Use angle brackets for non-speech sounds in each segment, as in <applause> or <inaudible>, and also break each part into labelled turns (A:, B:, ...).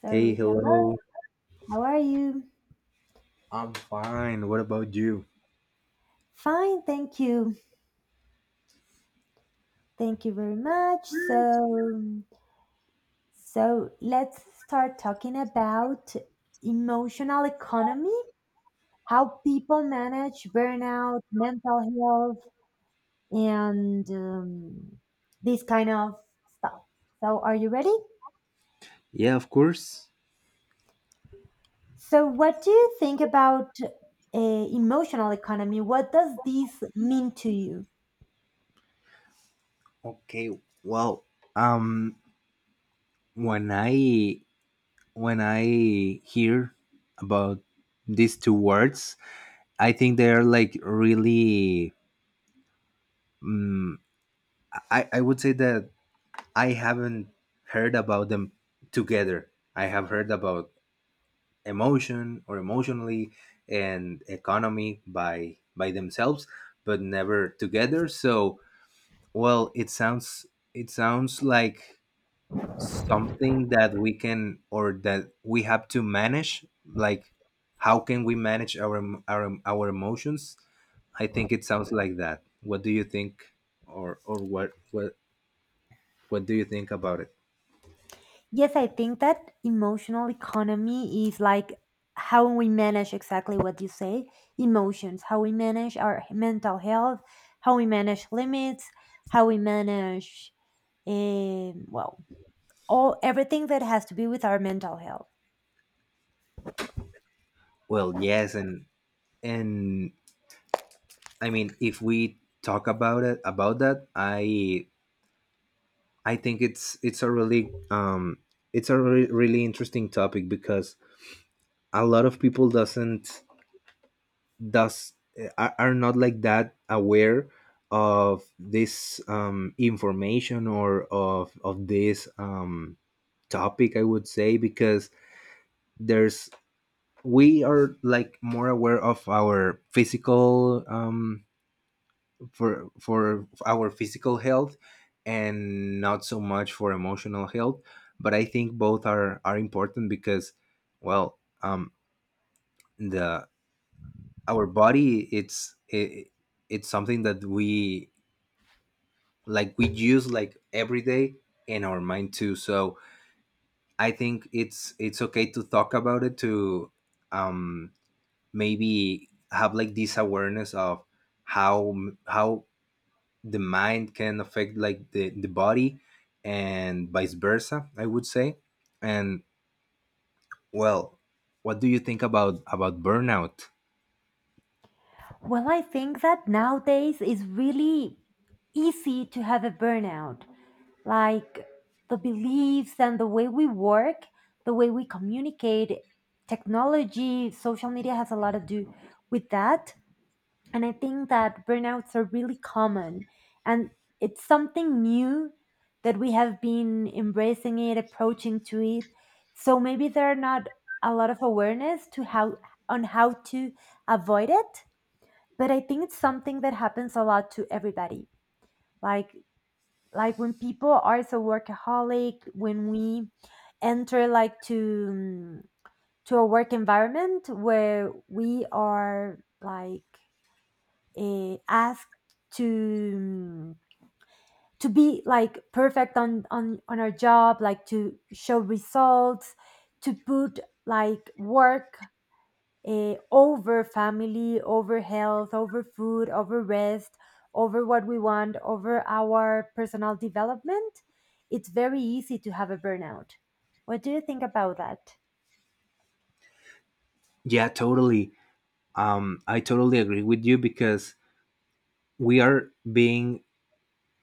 A: So,
B: Hey,
A: hello,
B: hello.
A: how are you?
B: I'm fine. What about you?
A: Fine, thank you. Thank you very much. So, let's start talking about emotional economy, how people manage burnout, mental health, and this kind of stuff. So, are you ready?
B: Yeah, of course.
A: So, what do you think about emotional economy? What does this mean to you?
B: Okay. Well, um, when I when I hear about these two words, I think they are like really. Um, I would say that I haven't heard about them together. I have heard about emotion or emotionally and economy by themselves, but never together. So, well, it sounds like something that we can or that we have to manage. Like, how can we manage our emotions? I think it sounds like that. What do you think, or what do you think about it?
A: Yes, I think that emotional economy is like how we manage, exactly what you say, emotions, how we manage our mental health, how we manage limits, how we manage, well, all everything that has to do with our mental health.
B: Well, yes, and I mean, if we talk about it about that, I think it's a really really interesting topic because a lot of people doesn't does eh, are not like that aware of this information or of this topic, I would say, because there's we are like more aware of our physical, for our physical health, and not so much for emotional health. But I think both are important because, well, the our body, it's something that we, like, we use like every day in our mind too. So I think it's okay to talk about it, to um maybe have like this awareness of how how the mind can affect like the body, and vice versa, I would say. And, well, what do you think about burnout?
A: Well, I think that nowadays is really easy to have a burnout, like the beliefs and the way we work, the way we communicate, technology, social media has a lot to do with that. And I think that burnouts are really common and it's something new that we have been embracing it, approaching to it. So maybe there are not a lot of awareness to how, on how to avoid it, but I think it's something that happens a lot to everybody. Like like when people are so workaholic, when we enter like to a work environment where we are like, asked to um, to be like perfect on our job, like to show results, to put like work, over family, over health, over food, over rest, over what we want, over our personal development, it's very easy to have a burnout. What do you think about that?
B: Yeah, totally. I totally agree with you, because we are being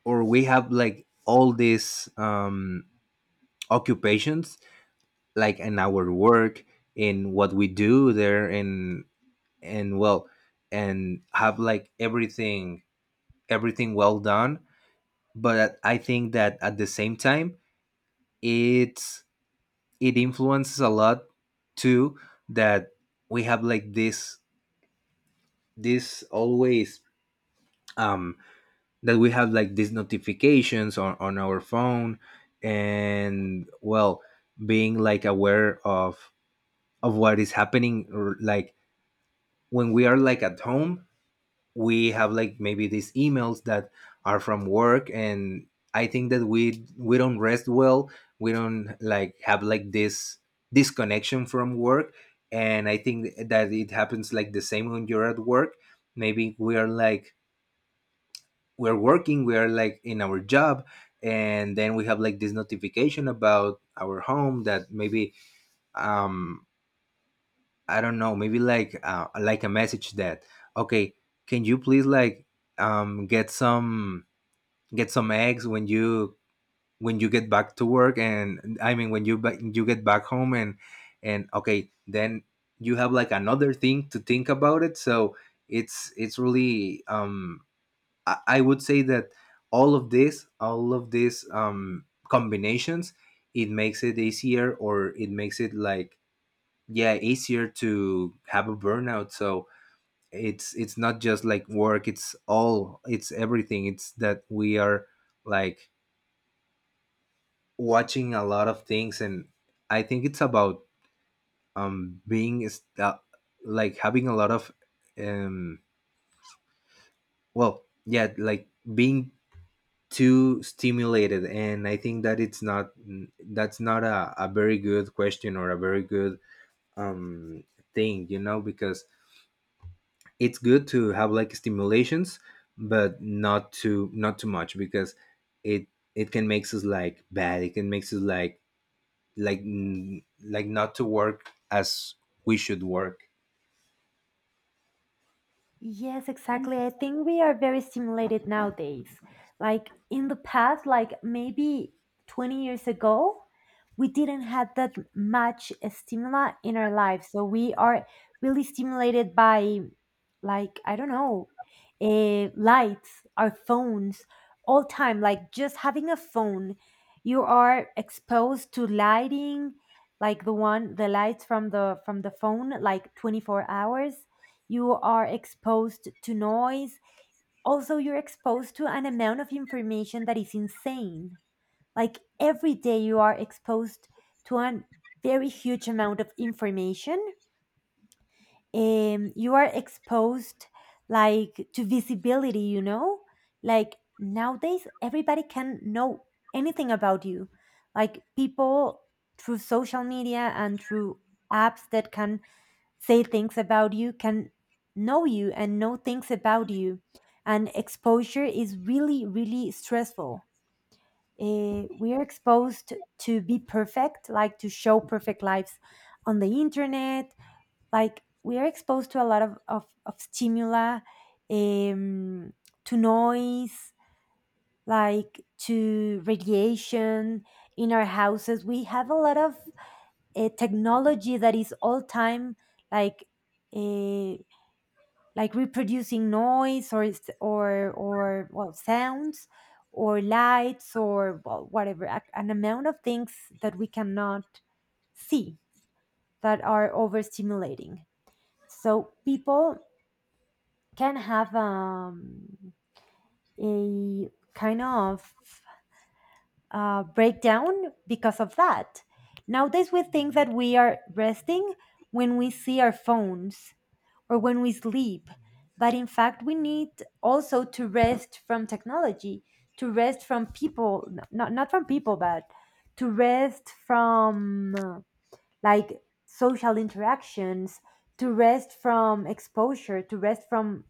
B: or we have like all these occupations, like in our work, in what we do there. And, well, and have like everything, well done. But I think that at the same time, it's it influences a lot too, that we have like this always, um that we have like these notifications on our phone. And, well, being like aware of what is happening, or like, when we are like at home, we have like maybe these emails that are from work. And I think that we don't rest well, we don't like have like this disconnection from work. And I think that it happens like the same when you're at work. Maybe we are like, we're working, we are like in our job, and then we have like this notification about our home that maybe, um I don't know, maybe like a message that, okay, can you please like, um get some get some eggs when you, when you get back to work, and I mean you get back home. And, okay, then you have like another thing to think about it. So it's really I would say that all of these combinations, it makes it easier, or it makes it like, yeah, easier to have a burnout. So it's not just like work, it's all it's everything, it's that we are, like, watching a lot of things. And I think it's about, being is that like having a lot of, um well, yeah, like, being too stimulated. And I think that it's not that's not a very good question or a very good um thing, because it's good to have like stimulations, but not too much, because it it can makes us like bad, it can makes us like, like, not to work as we should work.
A: Yes, exactly. I think we are very stimulated nowadays. Like in the past, like maybe 20 years ago, we didn't have that much stimuli in our lives. So we are really stimulated by, like, I don't know, lights, our phones, all time. Like just having a phone, you are exposed to lighting, like the lights from the phone, like 24 hours you are exposed to noise. Also, you're exposed to an amount of information that is insane. Like every day, you are exposed to a very huge amount of information. You are exposed like to visibility, you know? Like nowadays, everybody can know anything about you. Like people, through social media and through apps that can say things about you, can know you and know things about you. And exposure is really, really stressful. We are exposed to be perfect, like to show perfect lives on the internet. Like we are exposed to a lot of stimuli, um, to noise, like to radiation in our houses. We have a lot of technology that is all time, like uh, like reproducing noise or or well, sounds, or lights, or well, whatever, an amount of things that we cannot see, that are overstimulating, so people can have a kind of breakdown because of that. Nowadays we think that we are resting when we see our phones or when we sleep. But in fact, we need also to rest from technology, to rest from people, not from people, but to rest from like social interactions, to rest from exposure, to rest from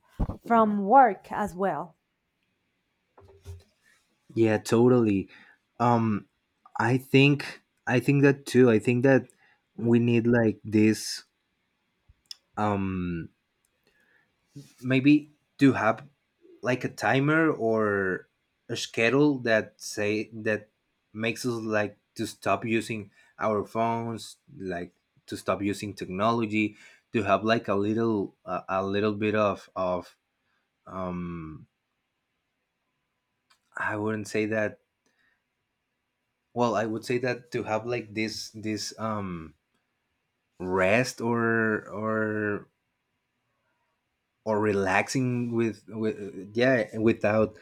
A: from work as well.
B: Yeah, totally. um I think that too. I think that we need like this, um maybe, to have like a timer or a schedule that say that makes us like to stop using our phones, like to stop using technology, to have like a little, a little bit of um I wouldn't say that. Well, I would say that to have like this, rest, or relaxing with, yeah, without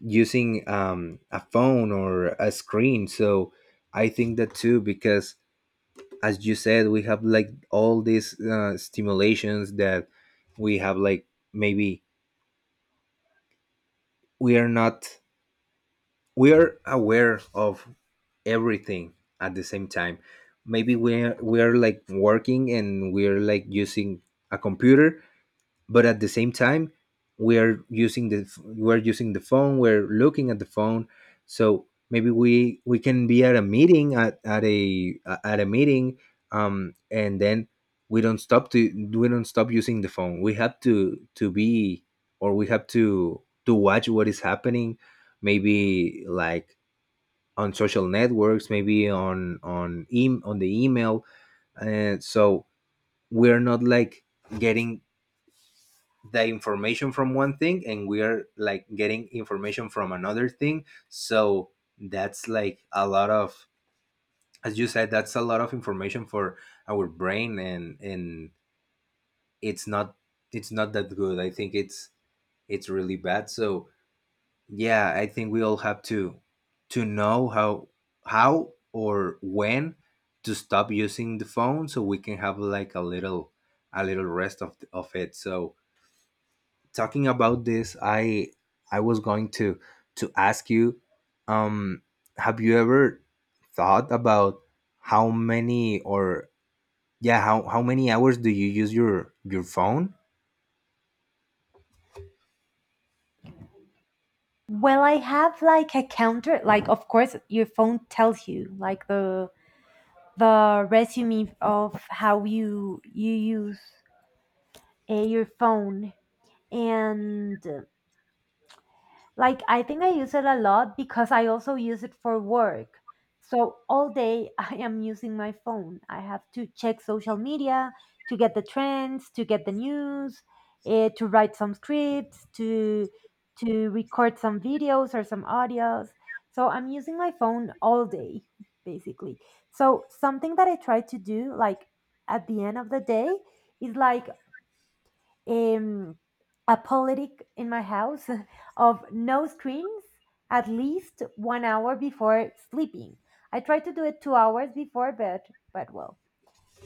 B: using, a phone or a screen. So I think that too, because, as you said, we have like all these, stimulations that we have, like, maybe we are not, we are aware of everything at the same time. Maybe we're like working and we're like using a computer, but at the same time we are using the we're using the phone, we're looking at the phone. So maybe we can be at a meeting, and then we don't stop to, we don't stop using the phone. We have to be, or we have to watch what is happening, maybe like on social networks, maybe on the email. And so we're not like getting the information from one thing, and we are like getting information from another thing. So that's like a lot of, as you said, that's a lot of information for our brain. And, it's not, that good, I think it's really bad. So, yeah, I think we all have to know how, or when to stop using the phone, so we can have like a little, rest of it. So, talking about this, I was going to ask you, um, have you ever thought about how many or yeah, how many hours do you use your phone?
A: Well, I have like a counter, like of course your phone tells you like the resume of how you use your phone, and like I think I use it a lot because I also use it for work, so all day <laughs> I am using my phone. I have to check social media to get the trends, to get the news, to write some scripts, to record some videos or some audios, so I'm using my phone all day <laughs> basically. So something that I try to do, like at the end of the day, is like um, a politic in my house <laughs> of no screens at least 1 hour before sleeping. I try to do it 2 hours before, but well,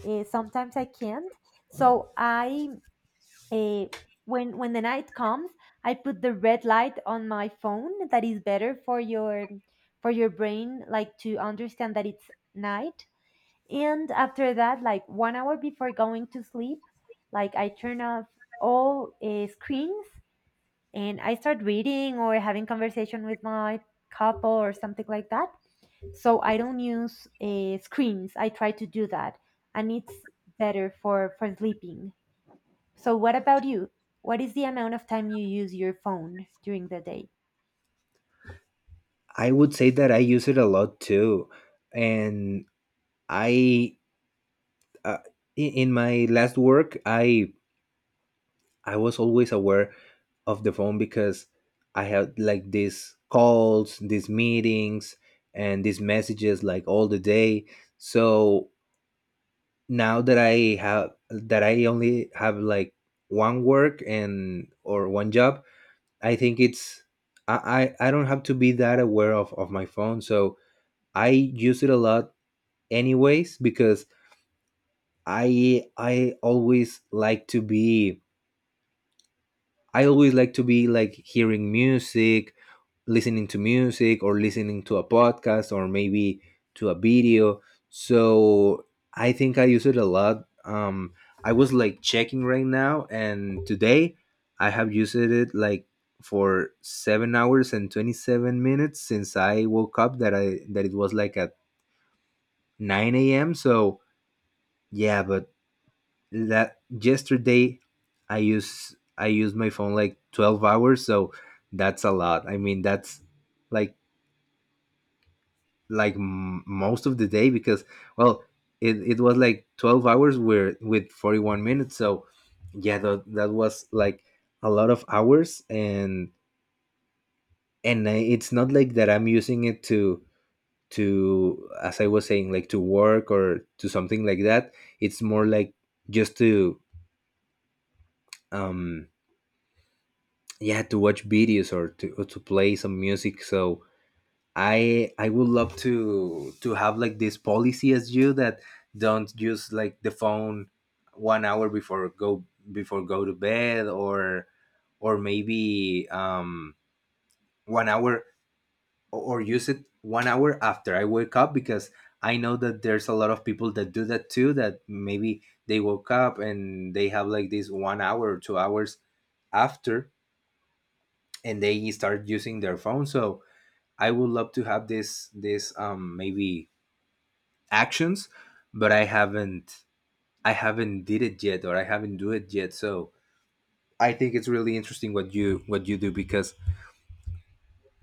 A: sometimes I can't. So I uh, when the night comes, I put the red light on my phone. That is better for your brain, like to understand that it's night. And after that, like 1 hour before going to sleep, like I turn off all screens and I start reading or having conversation with my couple or something like that. So I don't use screens. I try to do that, and it's better for sleeping. So what about you? What is the amount of time you use your phone during the day?
B: I would say that I use it a lot too. And I uh, in my last work, I was always aware of the phone because I had like these calls, these meetings, and these messages like all the day. So now that I have that I only have like one work, and or one job, I think it's I don't have to be that aware of, my phone. So I use it a lot anyways, because I always like to be, like hearing music, listening to music, or listening to a podcast, or maybe to a video. So I think I use it a lot. I was like checking right now, and today I have used it like for 7 hours and 27 minutes since I woke up. That it was like at 9 a.m. So, yeah, but that yesterday I used my phone like 12 hours. So that's a lot. I mean that's like, most of the day, because, well, it was like 12 hours where with 41 minutes. So, yeah, that was like a lot of hours. And, it's not like that I'm using it to, as I was saying, like, to work or to something like that. It's more like just to, um yeah, to watch videos, or to play some music. So I would love to have like this policy as you, that don't use like the phone 1 hour before go, to bed, or maybe, 1 hour, or use it 1 hour after I wake up. Because I know that there's a lot of people that do that too, that maybe they woke up and they have like this 1 hour or 2 hours after, and they start using their phone. So I would love to have this, maybe, actions. But I haven't did it yet, or I haven't do it yet. So I think it's really interesting what you, do. Because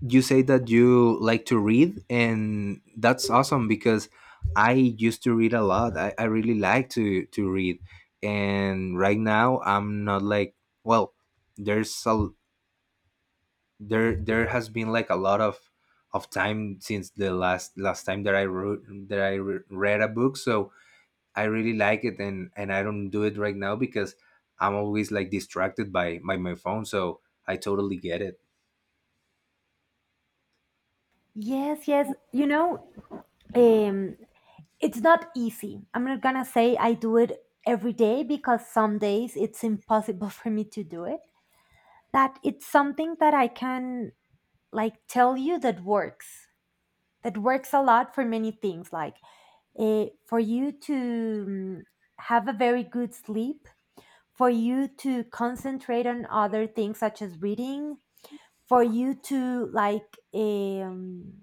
B: you say that you like to read, and that's awesome, because I used to read a lot. I really like to read. And right now I'm not like, well, there's a there has been like a lot of time since the last time that I wrote that I re- read a book. So I really like it, and I don't do it right now because I'm always like distracted by my phone. So I totally get it.
A: Yes, yes. You know, um, it's not easy. I'm not gonna say I do it every day because some days it's impossible <laughs> for me to do it. But it's something that I can like tell you that works. That works a lot for many things. Like for you to have a very good sleep, for you to concentrate on other things such as reading, for you to like um,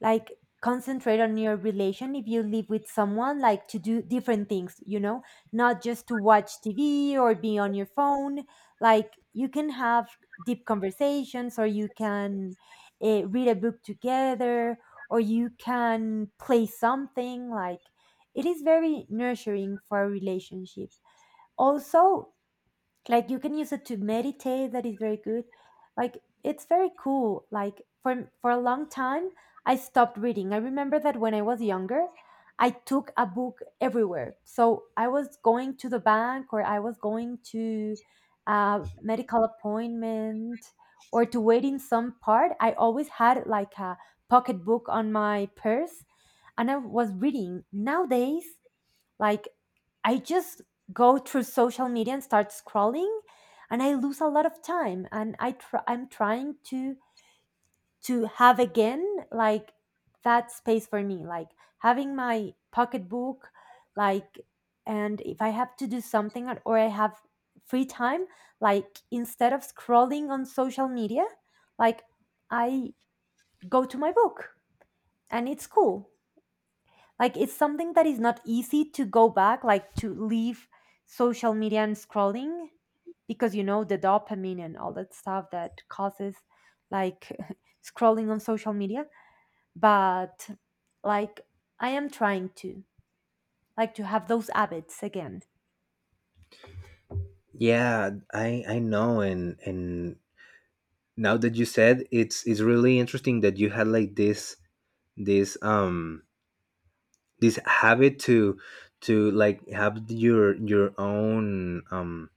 A: like concentrate on your relation, if you live with someone, like to do different things, not just to watch TV or be on your phone. Like you can have deep conversations, or you can read a book together, or you can play something, like it is very nurturing for a relationship. Also, like, you can use it to meditate, that is very good. Like it's very cool, like for a long time I stopped reading. I remember that when I was younger, I took a book everywhere, so I was going to the bank, or I was going to a medical appointment, or to wait in some part, I always had like a pocketbook on my purse and I was reading. Nowadays, like, I just go through social media and start scrolling, and I lose a lot of time. And I'm trying to have again like that space for me, like having my pocketbook, like, and if I have to do something, or I have free time, like instead of scrolling on social media, like I go to my book, and it's cool, like it's something that is not easy, to go back, like to leave social media and scrolling, because you know the dopamine and all that stuff that causes, like, <laughs> scrolling on social media. But, like, I am trying to, like, to have those habits again.
B: Yeah, I know. And, now that you said it's really interesting that you had like this, this um habit to, like, have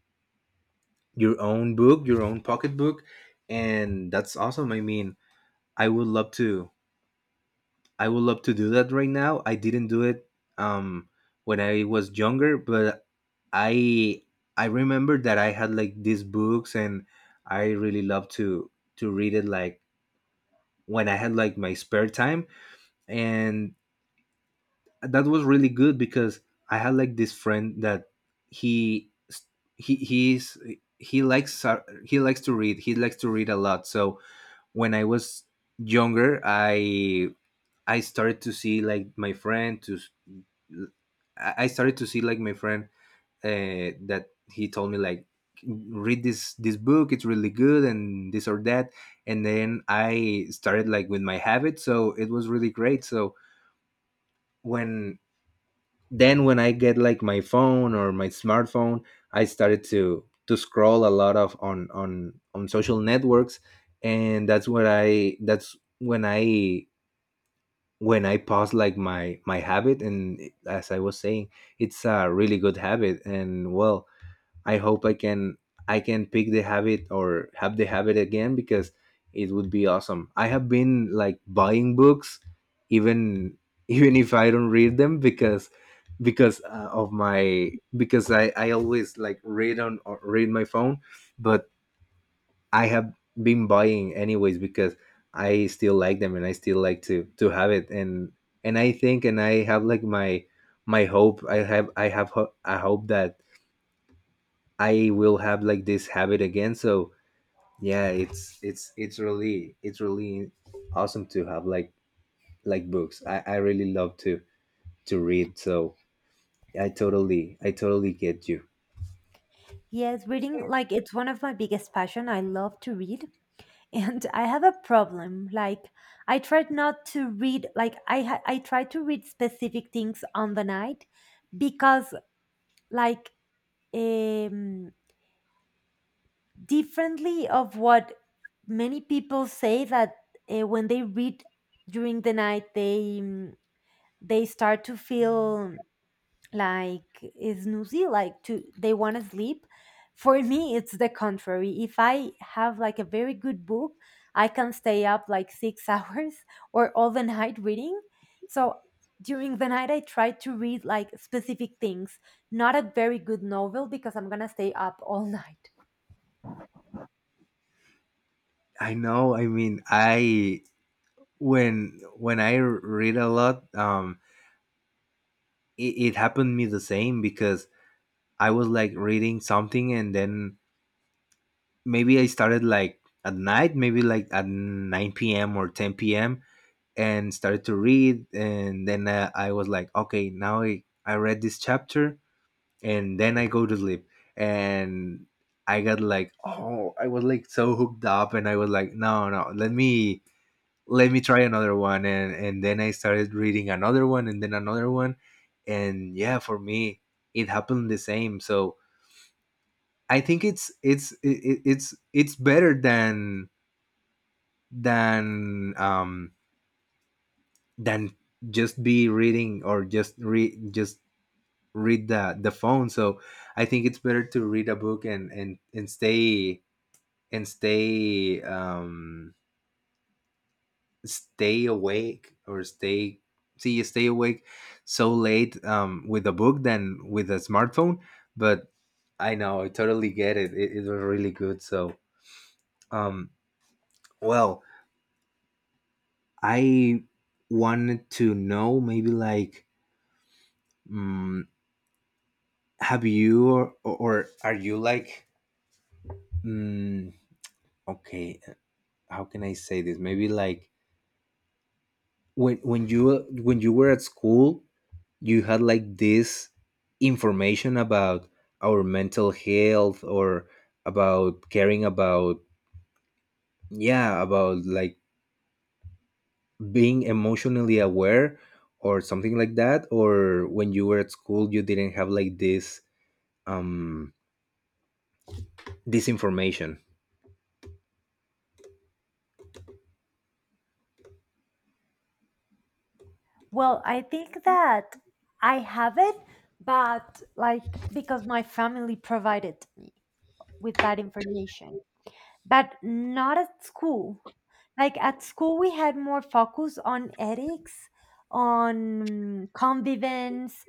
B: your own book, your own pocketbook. And that's awesome. I mean, I would love to I would love to do that right now. I didn't do it, um when I was younger. But I I remember that I had like these books, and I really loved to read it, like when I had like my spare time. And that was really good, because I had like this friend that he he he's he likes to read. He likes to read a lot. So when I was younger, I started to see like my friend to I started to see like my friend, that he told me like, read this book, it's really good and this or that. And then I started like with my habit, so it was really great. So when then when I get like my phone or my smartphone, I started to scroll a lot of on social networks. And that's when I pause like my habit. And as I was saying, it's a really good habit, and well, I hope I can pick the habit or have the habit again, because it would be awesome. I have been like buying books, even <laughs> even if I don't read them, because of my because I always like read on, or read my phone. But I have been buying anyways, because I still like them, and I still like to have it. And I think and I have like my hope, I have I hope that I will have like this habit again. So yeah, it's really awesome to have like, books. I really love to read, so I totally get you.
A: Yes, reading, like, it's one of my biggest passion. I love to read, and <laughs> I have a problem. Like, I tried not to read, like, I try to read specific things on the night, because, like, um, differently of what many people say, that when they read during the night, they start to feel like is snoozy, like to they want to sleep. For <laughs> me it's the contrary. If I have like a very good book, I can stay up like six <laughs> hours or all the night reading. So during the night I try to read like specific things, not a very good novel because I'm gonna stay up all <laughs> night.
B: I know, I mean, I when I read a lot, it, it happened me the same, because I was like reading something, and then maybe I started like at night, maybe like at 9 p.m. or 10 p.m., and started to read. And then I was like, okay, now I read this chapter and then I go to sleep. And I got like, oh, I was like so hooked up, and I was like, no, no, let me try another one. And then I started reading another one and then another one. And yeah, for me it happened the same. So I think it's it, it's better than um than, just be reading or just read the phone. So I think it's better to read a book, and stay, and stay um stay awake, or stay see you stay awake so late, with a book than with a smartphone. But I know, I totally get it. It was really good. So, um well, I wanted to know, maybe like, um, have you, or, are you like, mm, okay, how can I say this, maybe like, when you were at school, you had like this information about our mental health, or about caring about, yeah, about like being emotionally aware, or something like that? Or when you were at school, you didn't have like this, um this information?
A: Well, I think that I have it, but like, because my family provided me with that information, but not at school. Like at school, we had more focus on ethics, on convivence,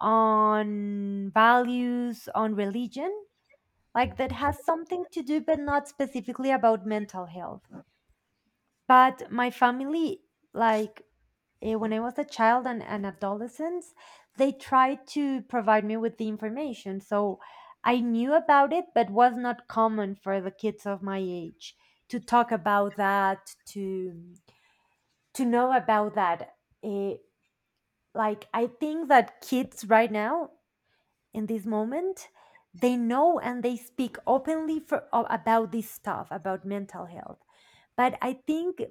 A: on values, on religion, like that has something to do, but not specifically about mental health. But my family, like, when I was a child and an adolescent, they tried to provide me with the information. So I knew about it, but was not common for the kids of my age to talk about that, to know about that. Eh, like I think that kids right now, in this moment, they know and they speak openly about this stuff, about mental health. But I think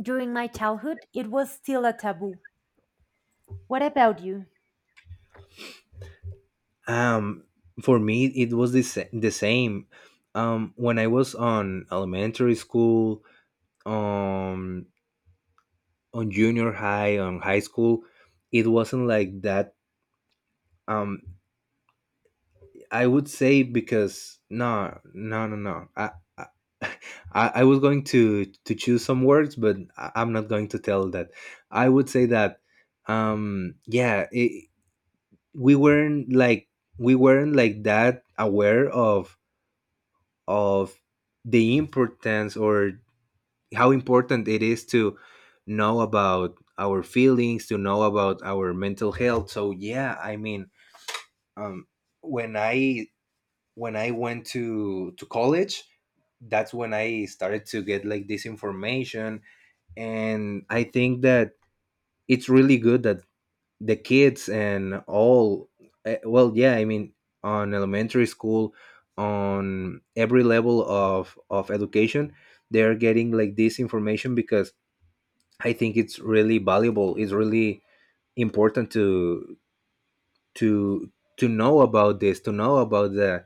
A: during my childhood it was still a taboo. What about you?
B: um for me it was the, the same. When I was on elementary school, um, on junior high, on high school, it wasn't like that. um I would say, because no, no, no, no. I, <laughs> I was going to choose some words, but I'm not going to tell that. I would say that, yeah, we weren't like, we weren't like that aware of of the importance, or how important it is to know about our feelings, to know about our mental health. So yeah, I mean, um, when I when I went to college, that's when I started to get like this information. And I think that it's really good that the kids and all, well, yeah, I mean, on elementary school, on every level of education, they're getting like this information, because I think it's really valuable. It's really important to to know about this, to know about the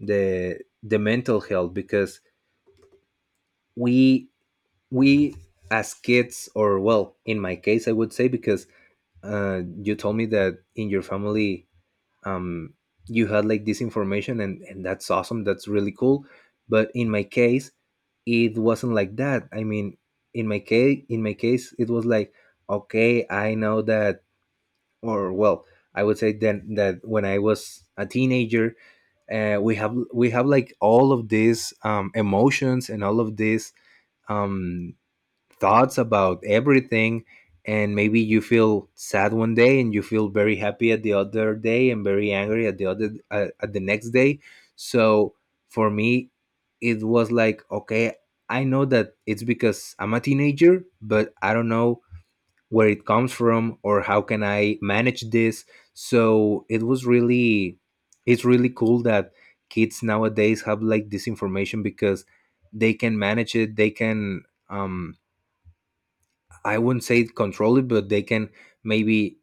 B: the the mental health, because we we, as kids, or well, in my case, I would say, because you told me that in your family, um, you had like this information, and that's awesome, that's really cool. But in my case it wasn't like that, I mean, in my case it was like, okay, I know that. Or well, I would say then that when I was a teenager, we have like all of these, emotions, and all of these, um, thoughts about everything. And maybe you feel sad one day, and you feel very happy at the other day, and very angry at the other, at the next day. So for me it was like, okay, I know that it's because I'm a teenager, but I don't know where it comes from, or how can I manage this. So it's really cool that kids nowadays have like this information, because they can manage it, they can, um I wouldn't say control it, but they can maybe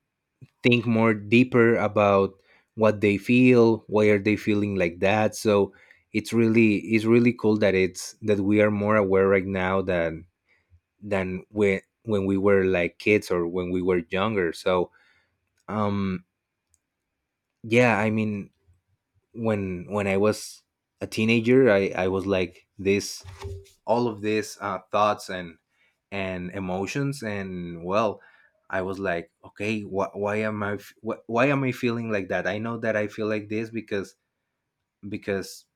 B: think more deeper about what they feel, why are they feeling like that. So it's really cool that we are more aware right now than when, we were like kids, or when we were younger. So, um yeah, I mean, when I was a teenager, I was like this, all of these, thoughts and emotions, and well, I was like, okay, why am I feeling like that? I know that I feel like this because, because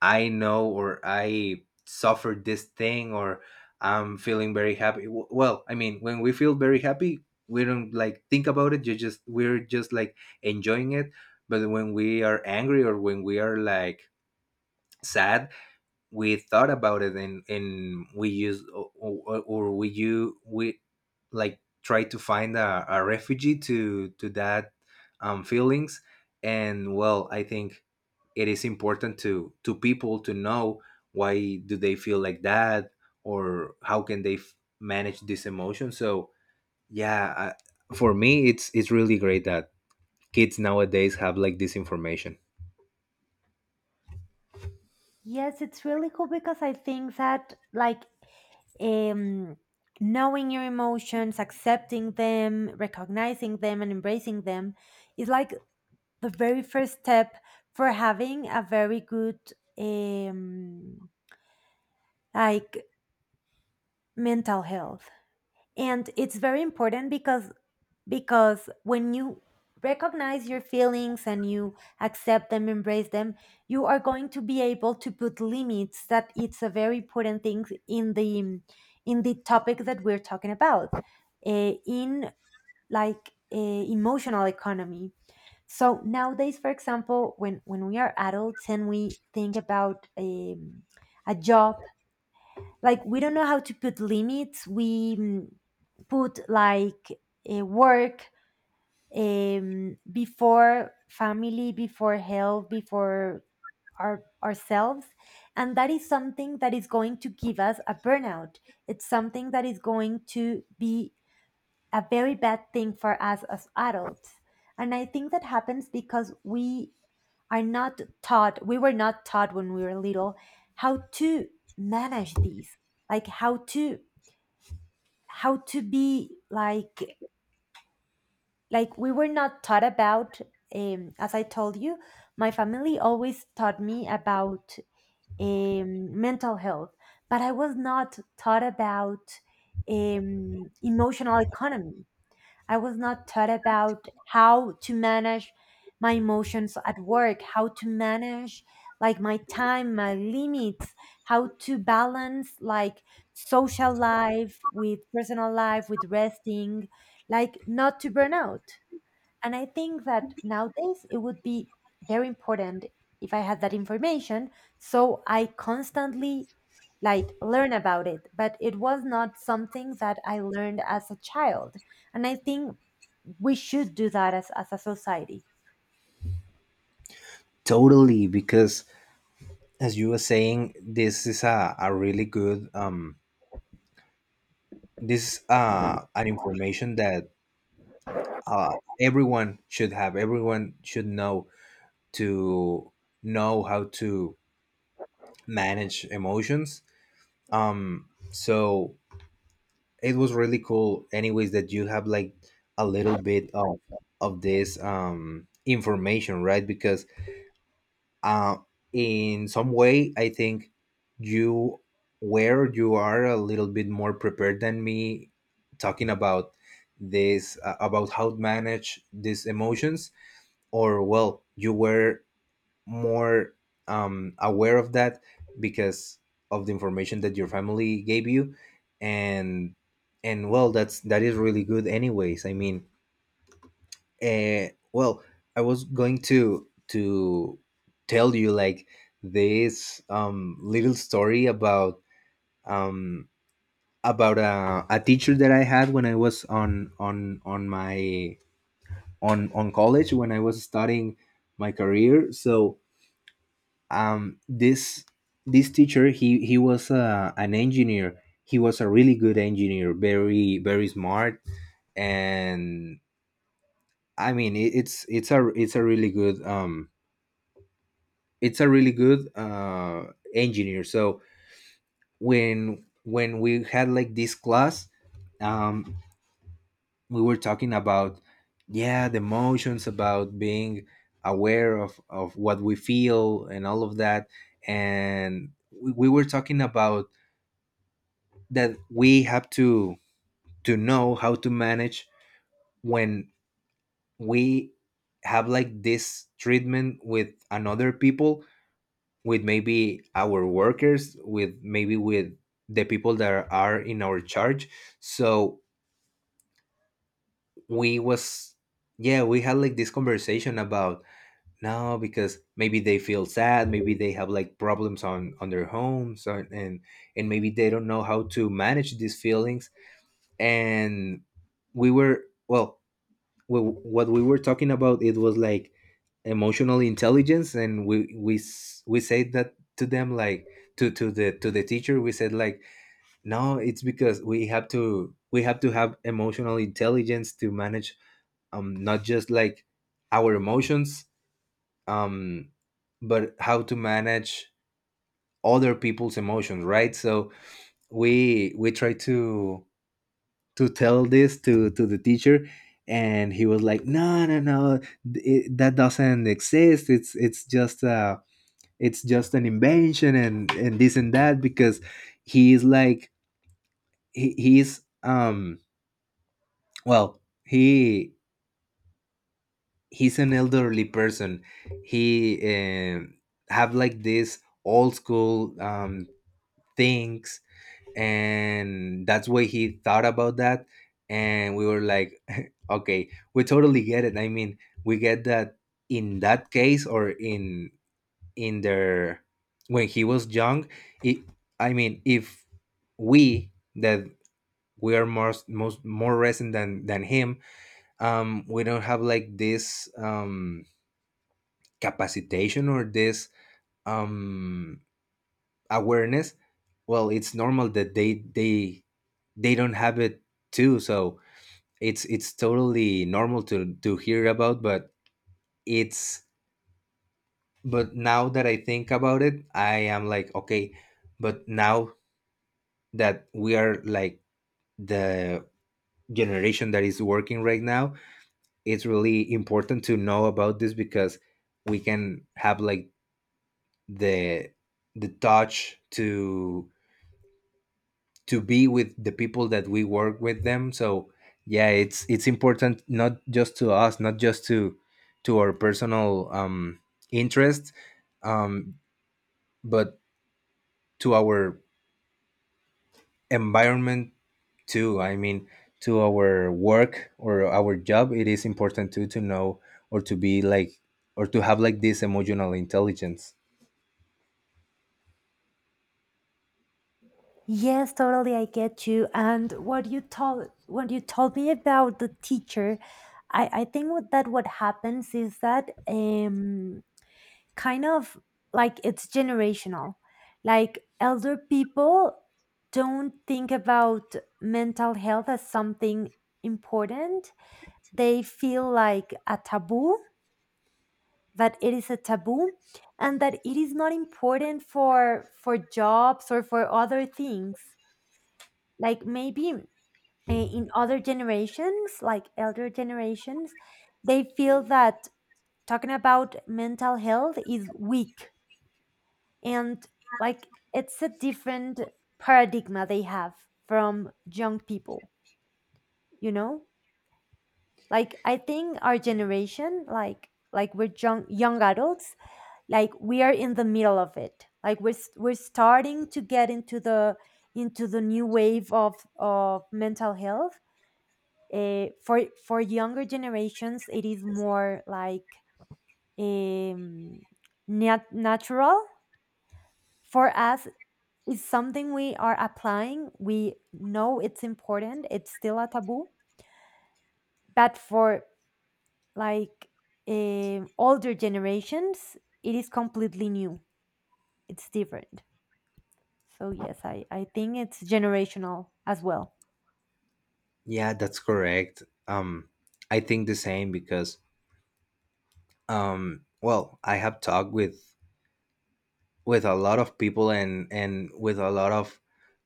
B: I know, or I suffered this thing, or I'm feeling very happy. Well, I mean, when we feel very happy, we don't like think about it, you just we're just like enjoying it. But when we are angry, or when we are like sad, we thought about it, and we use or we you we like try to find a refugee to, that, feelings. And well, I think it is important, to, people to know, why do they feel like that, or how can they manage this emotion. So yeah, for me it's really great that kids nowadays have like this information.
A: Yes, it's really cool because I think that, like, um knowing your emotions, accepting them, recognizing them and embracing them is like the very first step for having a very good, um like, mental health. And it's very important because when you recognize your feelings and you accept them, embrace them, you are going to be able to put limits, that it's a very important thing in the topic that we're talking about, in, like, emotional economy. So nowadays, for example, when we are adults and we think about a job, like, we don't know how to put limits. We put, like, work, before family, before health, before ourselves. And that is something that is going to give us a burnout. It's something that is going to be a very bad thing for us as adults. And I think that happens because we are not taught, we were not taught when we were little how to manage these, like how to be like we were not taught about, as I told you, my family always taught me about, mental health, but I was not taught about, emotional economy. I was not taught about how to manage my emotions at work, how to manage, like, my time, my limits, how to balance, like, social life with personal life with resting, like not to burn out. And I think that nowadays it would be very important if I had that information. So I constantly, like, learn about it, but it was not something that I learned as a child. And I think we should do that as a society.
B: Totally, because as you were saying, this is a really good, this an information, that uh everyone should have. Everyone should know to know how to manage emotions. So it was really cool anyways that you have like a little bit of this, information, right? Because uh, in some way, I think you where you are a little bit more prepared than me talking about this about how to manage these emotions. Or well, you were more, aware of that, because of the information that your family gave you. And well, that is really good anyways, I mean, well, I was going to tell you like this, little story about, um, about a teacher that I had, when I was on, on my on college, when I was studying my career. So, this, teacher, he was, an engineer. He was a really good engineer, very very smart. And I mean, it, it's a really good, it's a really good uh, engineer. So when, we had like this class, um, we were talking about, yeah, the emotions, about being aware of what we feel and all of that. And we were talking about that we have to know how to manage, when we have like this treatment with another people, with maybe our workers, with the people that are in our charge. So we was yeah, we had like this conversation about, no, because maybe they feel sad, maybe they have like problems on their homes, or, and maybe they don't know how to manage these feelings. And we were, well, what we were talking about, it was like emotional intelligence. And we say that to them, like to, the teacher, we said like, no, it's because we have to, have emotional intelligence to manage, not just like our emotions, um but how to manage other people's emotions, right? So we, try to tell this to, the teacher. And he was like, no no no, that doesn't exist, it's just an invention, and this and that, because he's like, he's, well, he's an elderly person. He, have like this old school, things, and that's why he thought about that. And we were like <laughs> okay, we totally get it, I mean, we get that in that case, or in, their, when he was young. It, I mean, if we, that we are more, most more recent than him, we don't have like this, capacitation, or this, um awareness, well it's normal that they, they don't have it too. So it's, totally normal to, hear about. But it's but now that I think about it, I am like, okay, but now that we are like the generation that is working right now, it's really important to know about this, because we can have like the, touch to, be with the people that we work with them. So yeah, it's, important, not just to us, not just to, our personal, interest, um but to our environment too, I mean, to our work or our job, it is important too to know, or to be like, or to have like this emotional intelligence.
A: Yes, totally, I get you. And what you told me about the teacher, I think that what happens is that, kind of, like, it's generational. Like elder people don't think about mental health as something important. They feel like a taboo, that it is a taboo, and that it is not important for jobs or for other things. Like maybe, in other generations, like elder generations, they feel that talking about mental health is weak, and, like, it's a different paradigm they have from young people, you know, like I think our generation, like we're young young adults, like we are in the middle of it, like we're starting to get into the, new wave of mental health. For younger generations it is more like, um natural. For us is something we are applying. We know it's important. It's still a taboo, but for, like, older generations, it is completely new. It's different. So yes, I think it's generational as well.
B: Yeah, that's correct. I think the same, because, well, I have talked with, a lot of people, and with a lot of,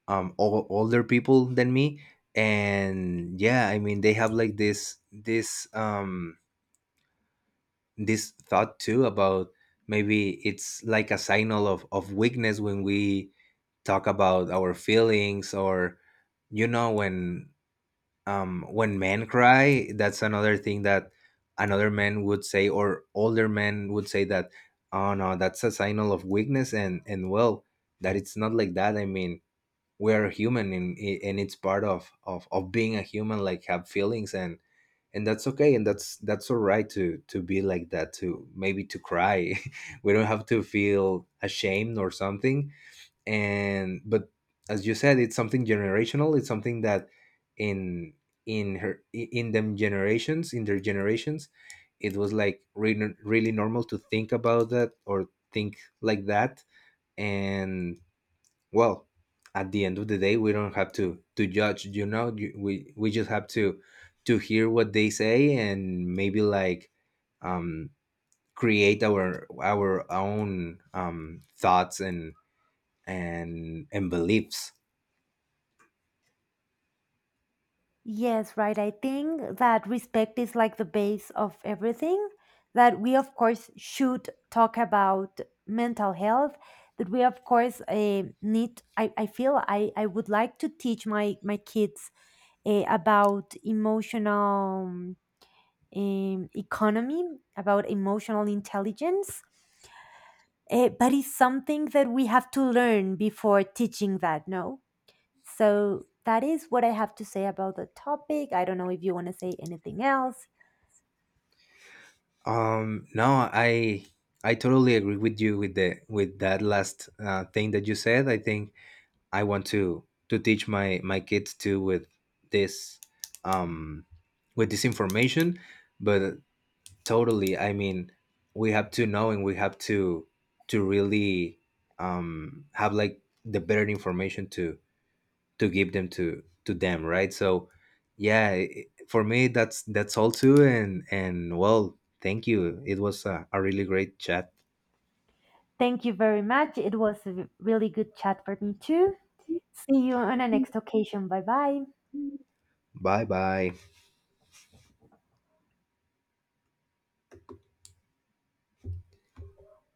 B: older people than me. And yeah, I mean, they have like this, this thought too, about, maybe it's like a signal of weakness, when we talk about our feelings. Or when, men cry, that's another thing that another man would say, or older men would say, that, oh no, that's a signal of weakness. And well, that it's not like that, I mean, we're human, and it's part of being a human, like have feelings, and that's okay, and that's all right to, be like that, to maybe to cry. <laughs> We don't have to feel ashamed or something. And But as you said, it's something generational, it's something that in in her in them generations in their generations, it was like really, really normal to think about that, or think like that. And well, at the end of the day, we don't have to, judge, you know. You- we just have to, hear what they say. And maybe like, um create our own, thoughts, and beliefs.
A: Yes, right. I think that respect is like the base of everything. That we, of course, should talk about mental health. That we, of course, need. I feel I would like to teach my kids, about emotional, economy, about emotional intelligence. But it's something that we have to learn before teaching that, no? So that is what I have to say about the topic. I don't know if you want to say anything else.
B: No, I totally agree with you, with, the with that last, thing that you said. I think I want to, teach my kids too with this, um with this information, but totally. I mean, we have to know, and we have to, really, have like the better information to, give them, to, them, right? So yeah, for me, that's all too. And well, thank you, it was a really great chat.
A: Thank you very much. It was a really good chat for me, too. See you on a next occasion. Bye bye.
B: Bye bye.